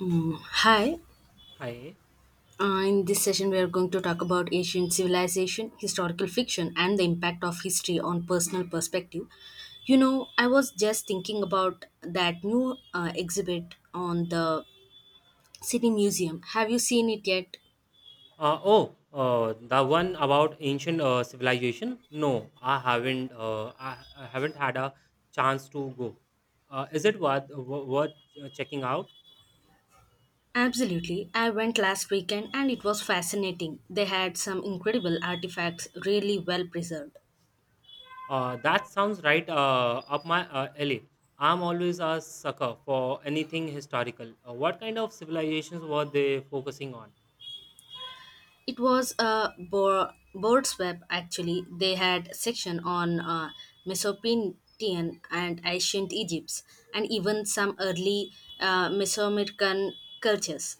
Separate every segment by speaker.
Speaker 1: Mm. Hi.
Speaker 2: Hi.
Speaker 1: In this session, we are going to talk about ancient civilization, historical fiction, and the impact of history on personal perspective. You know, I was just thinking about that new exhibit on the City Museum. Have you seen it yet?
Speaker 2: Oh, the one about ancient civilization? No, I haven't. I haven't had a chance to go. Is it worth worth checking out?
Speaker 1: Absolutely. I went last weekend and it was fascinating. They had some incredible artifacts, really well preserved.
Speaker 2: That sounds right up my alley. I'm always a sucker for anything historical. What kind of civilizations were they focusing on?
Speaker 1: It was a board's web actually. They had section on Mesopotamian and ancient Egypt, and even some early Mesoamerican cultures.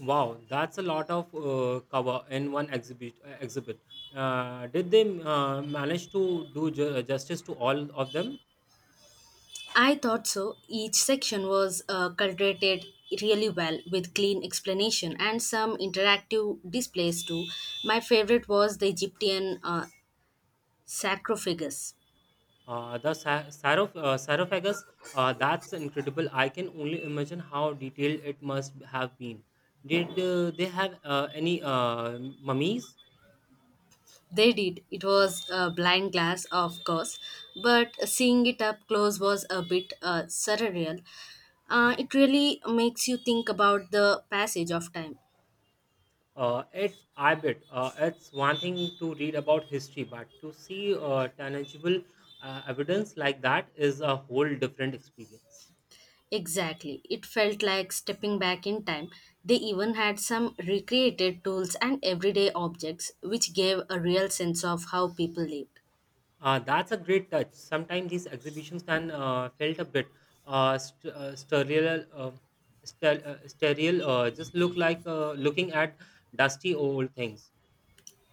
Speaker 2: Wow, that's a lot of cover in one exhibit. Did they manage to do justice to all of them?
Speaker 1: I thought so. Each section was cultivated really well with clean explanation and some interactive displays too. My favorite was the Egyptian sarcophagus.
Speaker 2: The sarcophagus, that's incredible. I can only imagine how detailed it must have been. Did they have any mummies?
Speaker 1: They did. It was a blind glass, of course, but seeing it up close was a bit surreal. It really makes you think about the passage of time.
Speaker 2: I bet it's one thing to read about history, but to see tangible evidence like that is a whole different experience.
Speaker 1: Exactly. It felt like stepping back in time. They even had some recreated tools and everyday objects, which gave a real sense of how people lived.
Speaker 2: That's a great touch. Sometimes these exhibitions can felt a bit uh, st- uh, sterile, uh, sterile, just look like looking at dusty old things.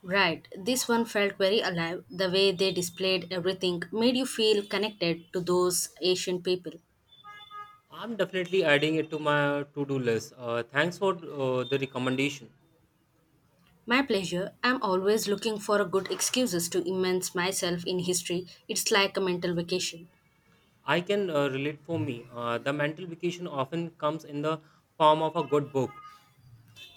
Speaker 1: Right. This one felt very alive. The way they displayed everything made you feel connected to those Asian people.
Speaker 2: I'm definitely adding it to my to-do list. Thanks for the recommendation.
Speaker 1: My pleasure. I'm always looking for a good excuses to immerse myself in history. It's like a mental vacation.
Speaker 2: I can relate. For me, the mental vacation often comes in the form of a good book.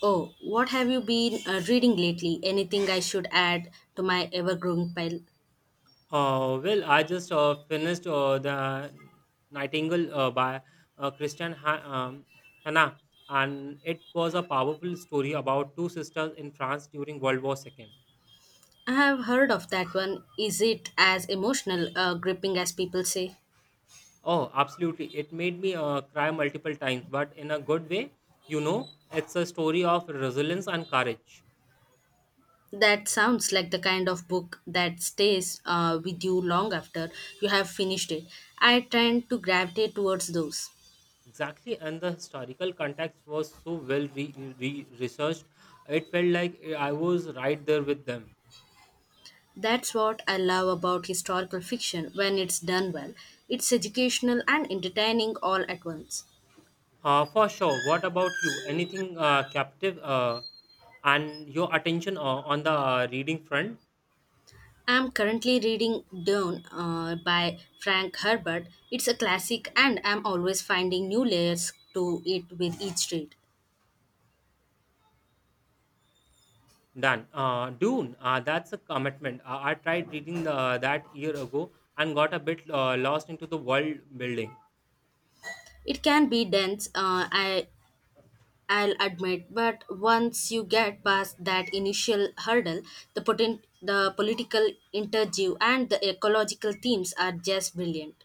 Speaker 1: Oh, what have you been reading lately? Anything I should add to my ever-growing pile?
Speaker 2: Well, I just finished the Nightingale by uh, Christian ha- um, Hannah, and it was a powerful story about two sisters in France during World War Two.
Speaker 1: I have heard of that one. Is it as emotional, gripping as people say?
Speaker 2: Oh, absolutely! It made me cry multiple times, but in a good way. You know, it's a story of resilience and courage.
Speaker 1: That sounds like the kind of book that stays with you long after you have finished it. I tend to gravitate towards those.
Speaker 2: Exactly, and the historical context was so well researched. It felt like I was right there with them.
Speaker 1: That's what I love about historical fiction when it's done well. It's educational and entertaining all at once.
Speaker 2: For sure. What about you? Anything captive and your attention on the reading front?
Speaker 1: I'm currently reading Dune by Frank Herbert. It's a classic, and I'm always finding new layers to it with each read.
Speaker 2: Done. Dune, that's a commitment. I tried reading the, that year ago and got a bit lost into the world building.
Speaker 1: It can be dense, I'll admit, but once you get past that initial hurdle, the political interview and the ecological themes are just brilliant.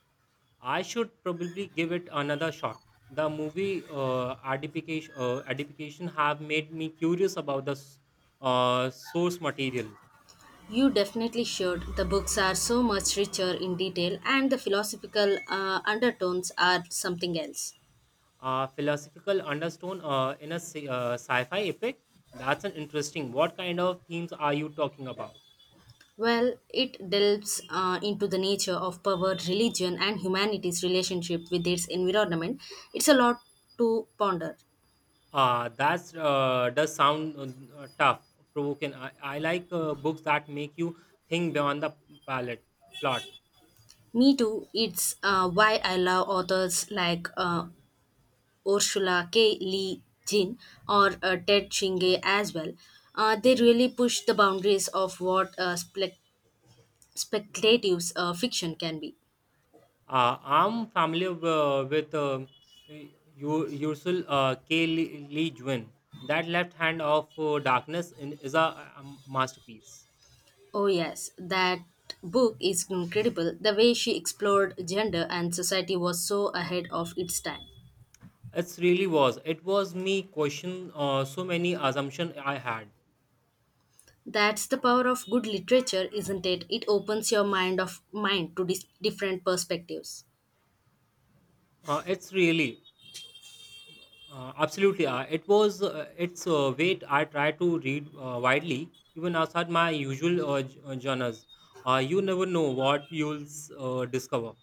Speaker 2: I should probably give it another shot. The movie adaptation have made me curious about the source material.
Speaker 1: You definitely should. The books are so much richer in detail, and the philosophical undertones are something else.
Speaker 2: Philosophical undertone in a sci-fi epic. That's an interesting. What kind of themes are you talking about?
Speaker 1: Well, it delves into the nature of power, religion, and humanity's relationship with its environment. It's a lot to ponder.
Speaker 2: That's, does sound tough, provoking. I like books that make you think beyond the palette plot.
Speaker 1: Me too. It's why I love authors like Ursula K. Lee Guin or Ted Chingay as well. They really push the boundaries of what speculative fiction can be.
Speaker 2: I'm familiar with Ursula K. Lee Guin. That Left Hand of Darkness in, is a masterpiece.
Speaker 1: Oh, yes, that book is incredible. The way she explored gender and society was so ahead of its time.
Speaker 2: It's really was. It was me question so many assumption I had.
Speaker 1: That's the power of good literature, isn't it? It opens your mind to different perspectives.
Speaker 2: It's really absolutely. It was. It's wait. I try to read widely, even outside my usual genres. You never know what you'll discover.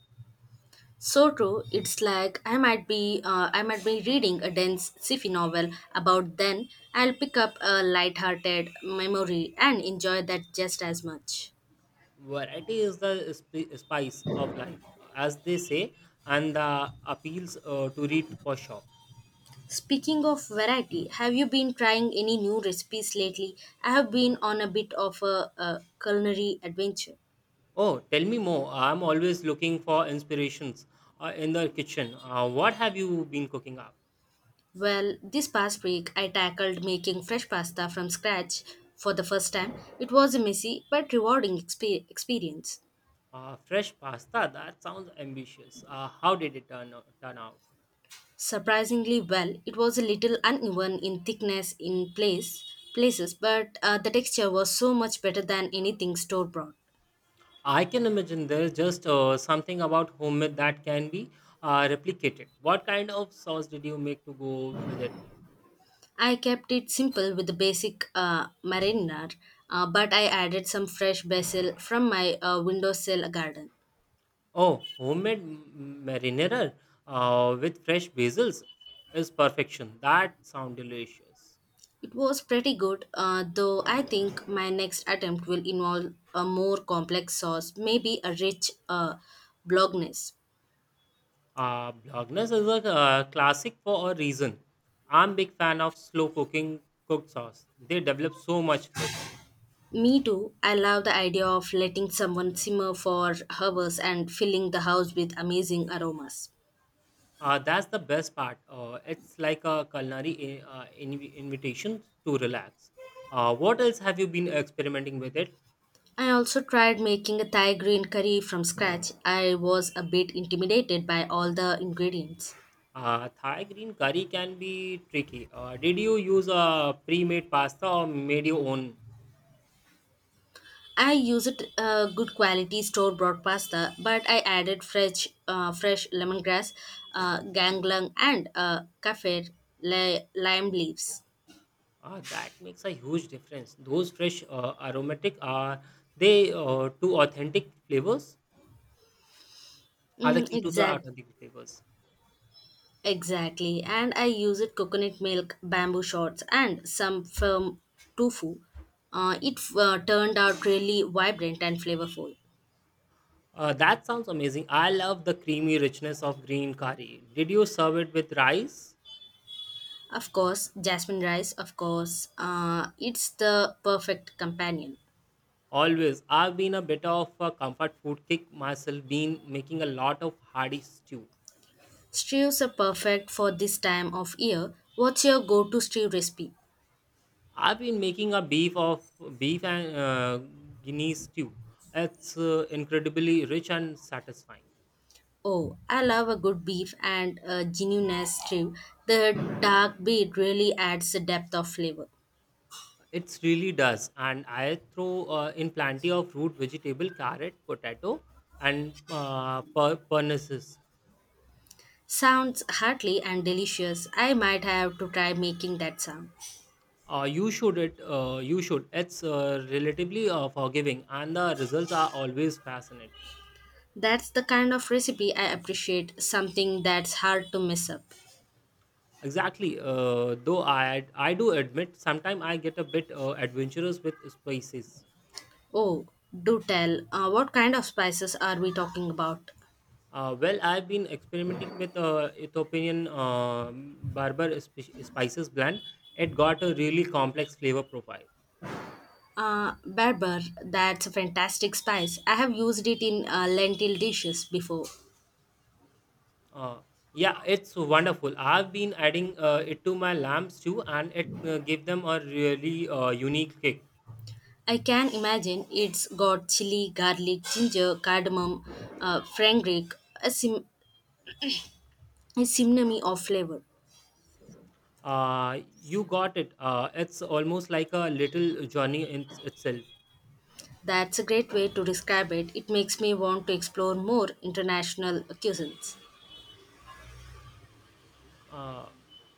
Speaker 1: So true. It's like I might be reading a dense sci-fi novel about then I'll pick up a light-hearted memory and enjoy that just as much.
Speaker 2: Variety is the spice of life, as they say, and the appeals to read for sure.
Speaker 1: Speaking of variety, have you been trying any new recipes lately? I have been on a bit of a culinary adventure.
Speaker 2: Oh, tell me more. I'm always looking for inspirations in the kitchen. What have you been cooking up?
Speaker 1: Well, this past week I tackled making fresh pasta from scratch for the first time. It was a messy but rewarding experience.
Speaker 2: Fresh pasta, that sounds ambitious. How did it turn out?
Speaker 1: Surprisingly well, it was a little uneven in thickness in place places, but the texture was so much better than anything store bought.
Speaker 2: I can imagine there's just something about homemade that can be replicated. What kind of sauce did you make to go with it?
Speaker 1: I kept it simple with the basic marinade, but I added some fresh basil from my windowsill garden.
Speaker 2: Oh, homemade marinara with fresh basils is perfection. That sounds delicious.
Speaker 1: It was pretty good, though I think my next attempt will involve a more complex sauce, maybe a rich bolognese.
Speaker 2: Bolognese is a classic for a reason. I'm big fan of slow cooking cooked sauce. They develop so much flavor.
Speaker 1: Me too. I love the idea of letting someone simmer for hours and filling the house with amazing aromas.
Speaker 2: That's the best part. It's like a culinary invitation to relax. What else have you been experimenting with it?
Speaker 1: I also tried making a Thai green curry from scratch. I was a bit intimidated by all the ingredients.
Speaker 2: Thai green curry can be tricky. Did you use a pre-made pasta or made your own?
Speaker 1: I used good quality store bought pasta, but I added fresh lemongrass, ganglang, and kaffir lime leaves.
Speaker 2: That makes a huge difference. Those fresh aromatic are they two authentic flavors are the
Speaker 1: Mm,
Speaker 2: key to the
Speaker 1: exact,
Speaker 2: authentic flavors.
Speaker 1: exactly. And I used coconut milk, bamboo shoots, and some firm tofu. It turned out really vibrant and flavorful.
Speaker 2: That sounds amazing. I love the creamy richness of green curry. Did you serve it with rice?
Speaker 1: Of course, jasmine rice. Of course, it's the perfect companion.
Speaker 2: Always. I've been a bit of a comfort food kick myself, been making a lot of hearty stew.
Speaker 1: Stews are perfect for this time of year. What's your go to stew recipe?
Speaker 2: I've been making a beef and guinea stew. It's incredibly rich and satisfying.
Speaker 1: Oh, I love a good beef and a genuineness stew. The dark beet really adds a depth of flavor.
Speaker 2: It really does. And I throw in plenty of root vegetable, carrot, potato, and pernicious.
Speaker 1: Sounds hearty and delicious. I might have to try making that sound.
Speaker 2: You should. It's relatively forgiving, and the results are always fascinating.
Speaker 1: That's the kind of recipe I appreciate, something that's hard to mess up.
Speaker 2: Exactly. Though I do admit sometimes I get a bit adventurous with spices.
Speaker 1: Oh, do tell, what kind of spices are we talking about?
Speaker 2: Well, I've been experimenting with Ethiopian barber spices blend. It got a really complex flavor profile.
Speaker 1: Berber. That's a fantastic spice. I have used it in lentil dishes before.
Speaker 2: Uh, yeah, it's wonderful. I've been adding it to my lamps too, and it give them a really unique kick.
Speaker 1: I can imagine it's got chili, garlic, ginger, cardamom, fenugreek, a, sim- a symphony of flavor.
Speaker 2: Uh, you got it. It's almost like a little journey in itself.
Speaker 1: That's a great way to describe it. It makes me want to explore more international cuisines.
Speaker 2: Uh,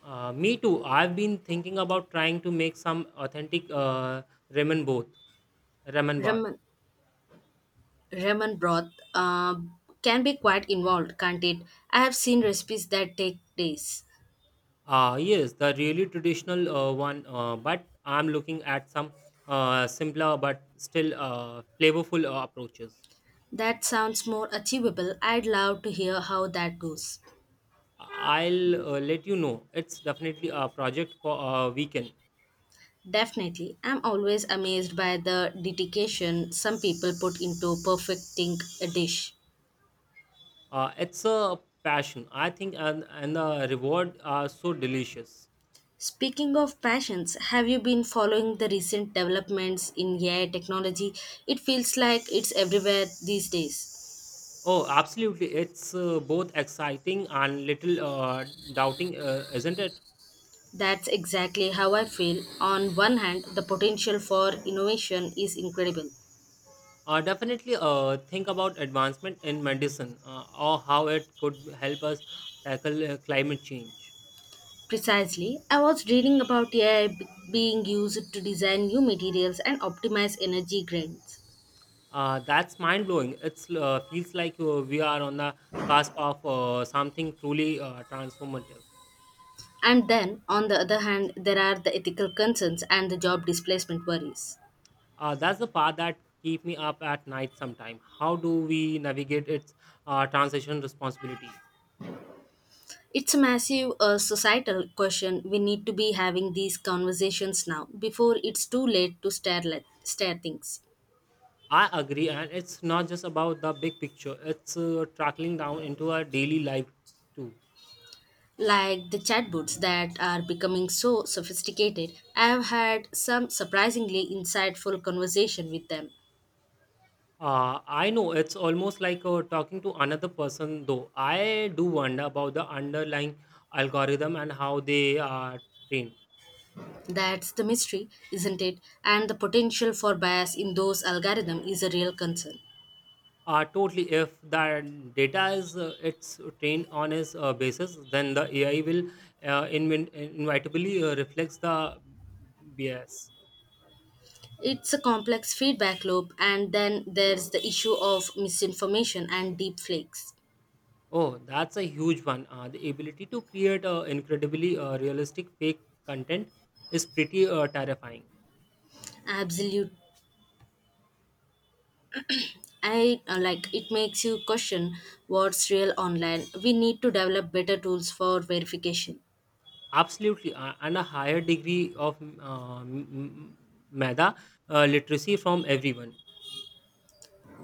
Speaker 2: Me too. I've been thinking about trying to make some authentic ramen both ramen bath.
Speaker 1: Ramen, ramen broth can be quite involved, can't it? I have seen recipes that take days.
Speaker 2: Ah, yes, the really traditional one. But I'm looking at some simpler but still flavorful approaches.
Speaker 1: That sounds more achievable. I'd love to hear how that goes.
Speaker 2: I'll let you know. It's definitely a project for a weekend.
Speaker 1: Definitely. I'm always amazed by the dedication some people put into perfecting a dish.
Speaker 2: It's a passion, I think, and the reward are so delicious.
Speaker 1: Speaking of passions, have you been following the recent developments in AI technology? It feels like it's everywhere these days.
Speaker 2: Oh, absolutely. It's both exciting and little doubting, isn't it?
Speaker 1: That's exactly how I feel. On one hand, the potential for innovation is incredible.
Speaker 2: Definitely think about advancement in medicine or how it could help us tackle climate change.
Speaker 1: Precisely. I was reading about AI being used to design new materials and optimize energy grains.
Speaker 2: That's mind blowing. It feels like we are on the cusp of something truly transformative.
Speaker 1: And then, on the other hand, there are the ethical concerns and the job displacement worries.
Speaker 2: That's the part that keep me up at night sometime. How do we navigate its transition responsibility?
Speaker 1: It's a massive societal question. We need to be having these conversations now before it's too late to stare things.
Speaker 2: I agree, and it's not just about the big picture. It's tracking down into our daily life too.
Speaker 1: Like the chatbots that are becoming so sophisticated, I have had some surprisingly insightful conversation with them.
Speaker 2: I know, it's almost like talking to another person, though. I do wonder about the underlying algorithm and how they are trained.
Speaker 1: That's the mystery, isn't it? And the potential for bias in those algorithms is a real concern.
Speaker 2: Totally, if the data is it's trained on its basis, then the AI will inevitably reflects the bias.
Speaker 1: It's a complex feedback loop, and then there's the issue of misinformation and deep flakes.
Speaker 2: Oh, that's a huge one. The ability to create incredibly realistic fake content is pretty terrifying.
Speaker 1: Absolute. I like it makes you question what's real online. We need to develop better tools for verification.
Speaker 2: Absolutely. And a higher degree of meta literacy from everyone.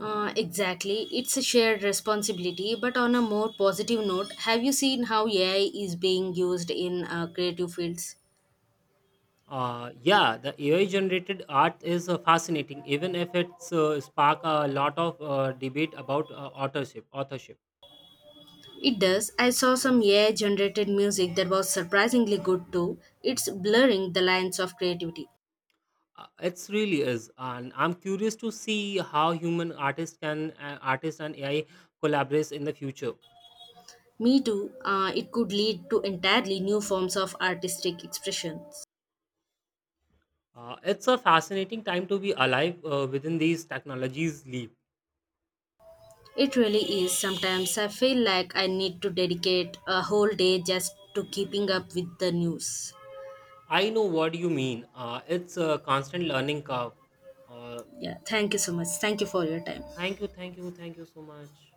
Speaker 1: Exactly. It's a shared responsibility, but on a more positive note, have you seen how AI is being used in creative fields?
Speaker 2: Yeah, the AI generated art is fascinating, even if it's spark a lot of debate about Authorship.
Speaker 1: It does. I saw some AI generated music that was surprisingly good too. It's blurring the lines of creativity.
Speaker 2: It's really is, and I'm curious to see how human artists can artists and AI collaborates in the future.
Speaker 1: Me too, it could lead to entirely new forms of artistic expressions.
Speaker 2: It's a fascinating time to be alive within these technologies leap.
Speaker 1: It really is. Sometimes I feel like I need to dedicate a whole day just to keeping up with the news.
Speaker 2: I know what you mean. It's a constant learning curve. Uh,
Speaker 1: Yeah, thank you so much. Thank you for your time.
Speaker 2: Thank you so much.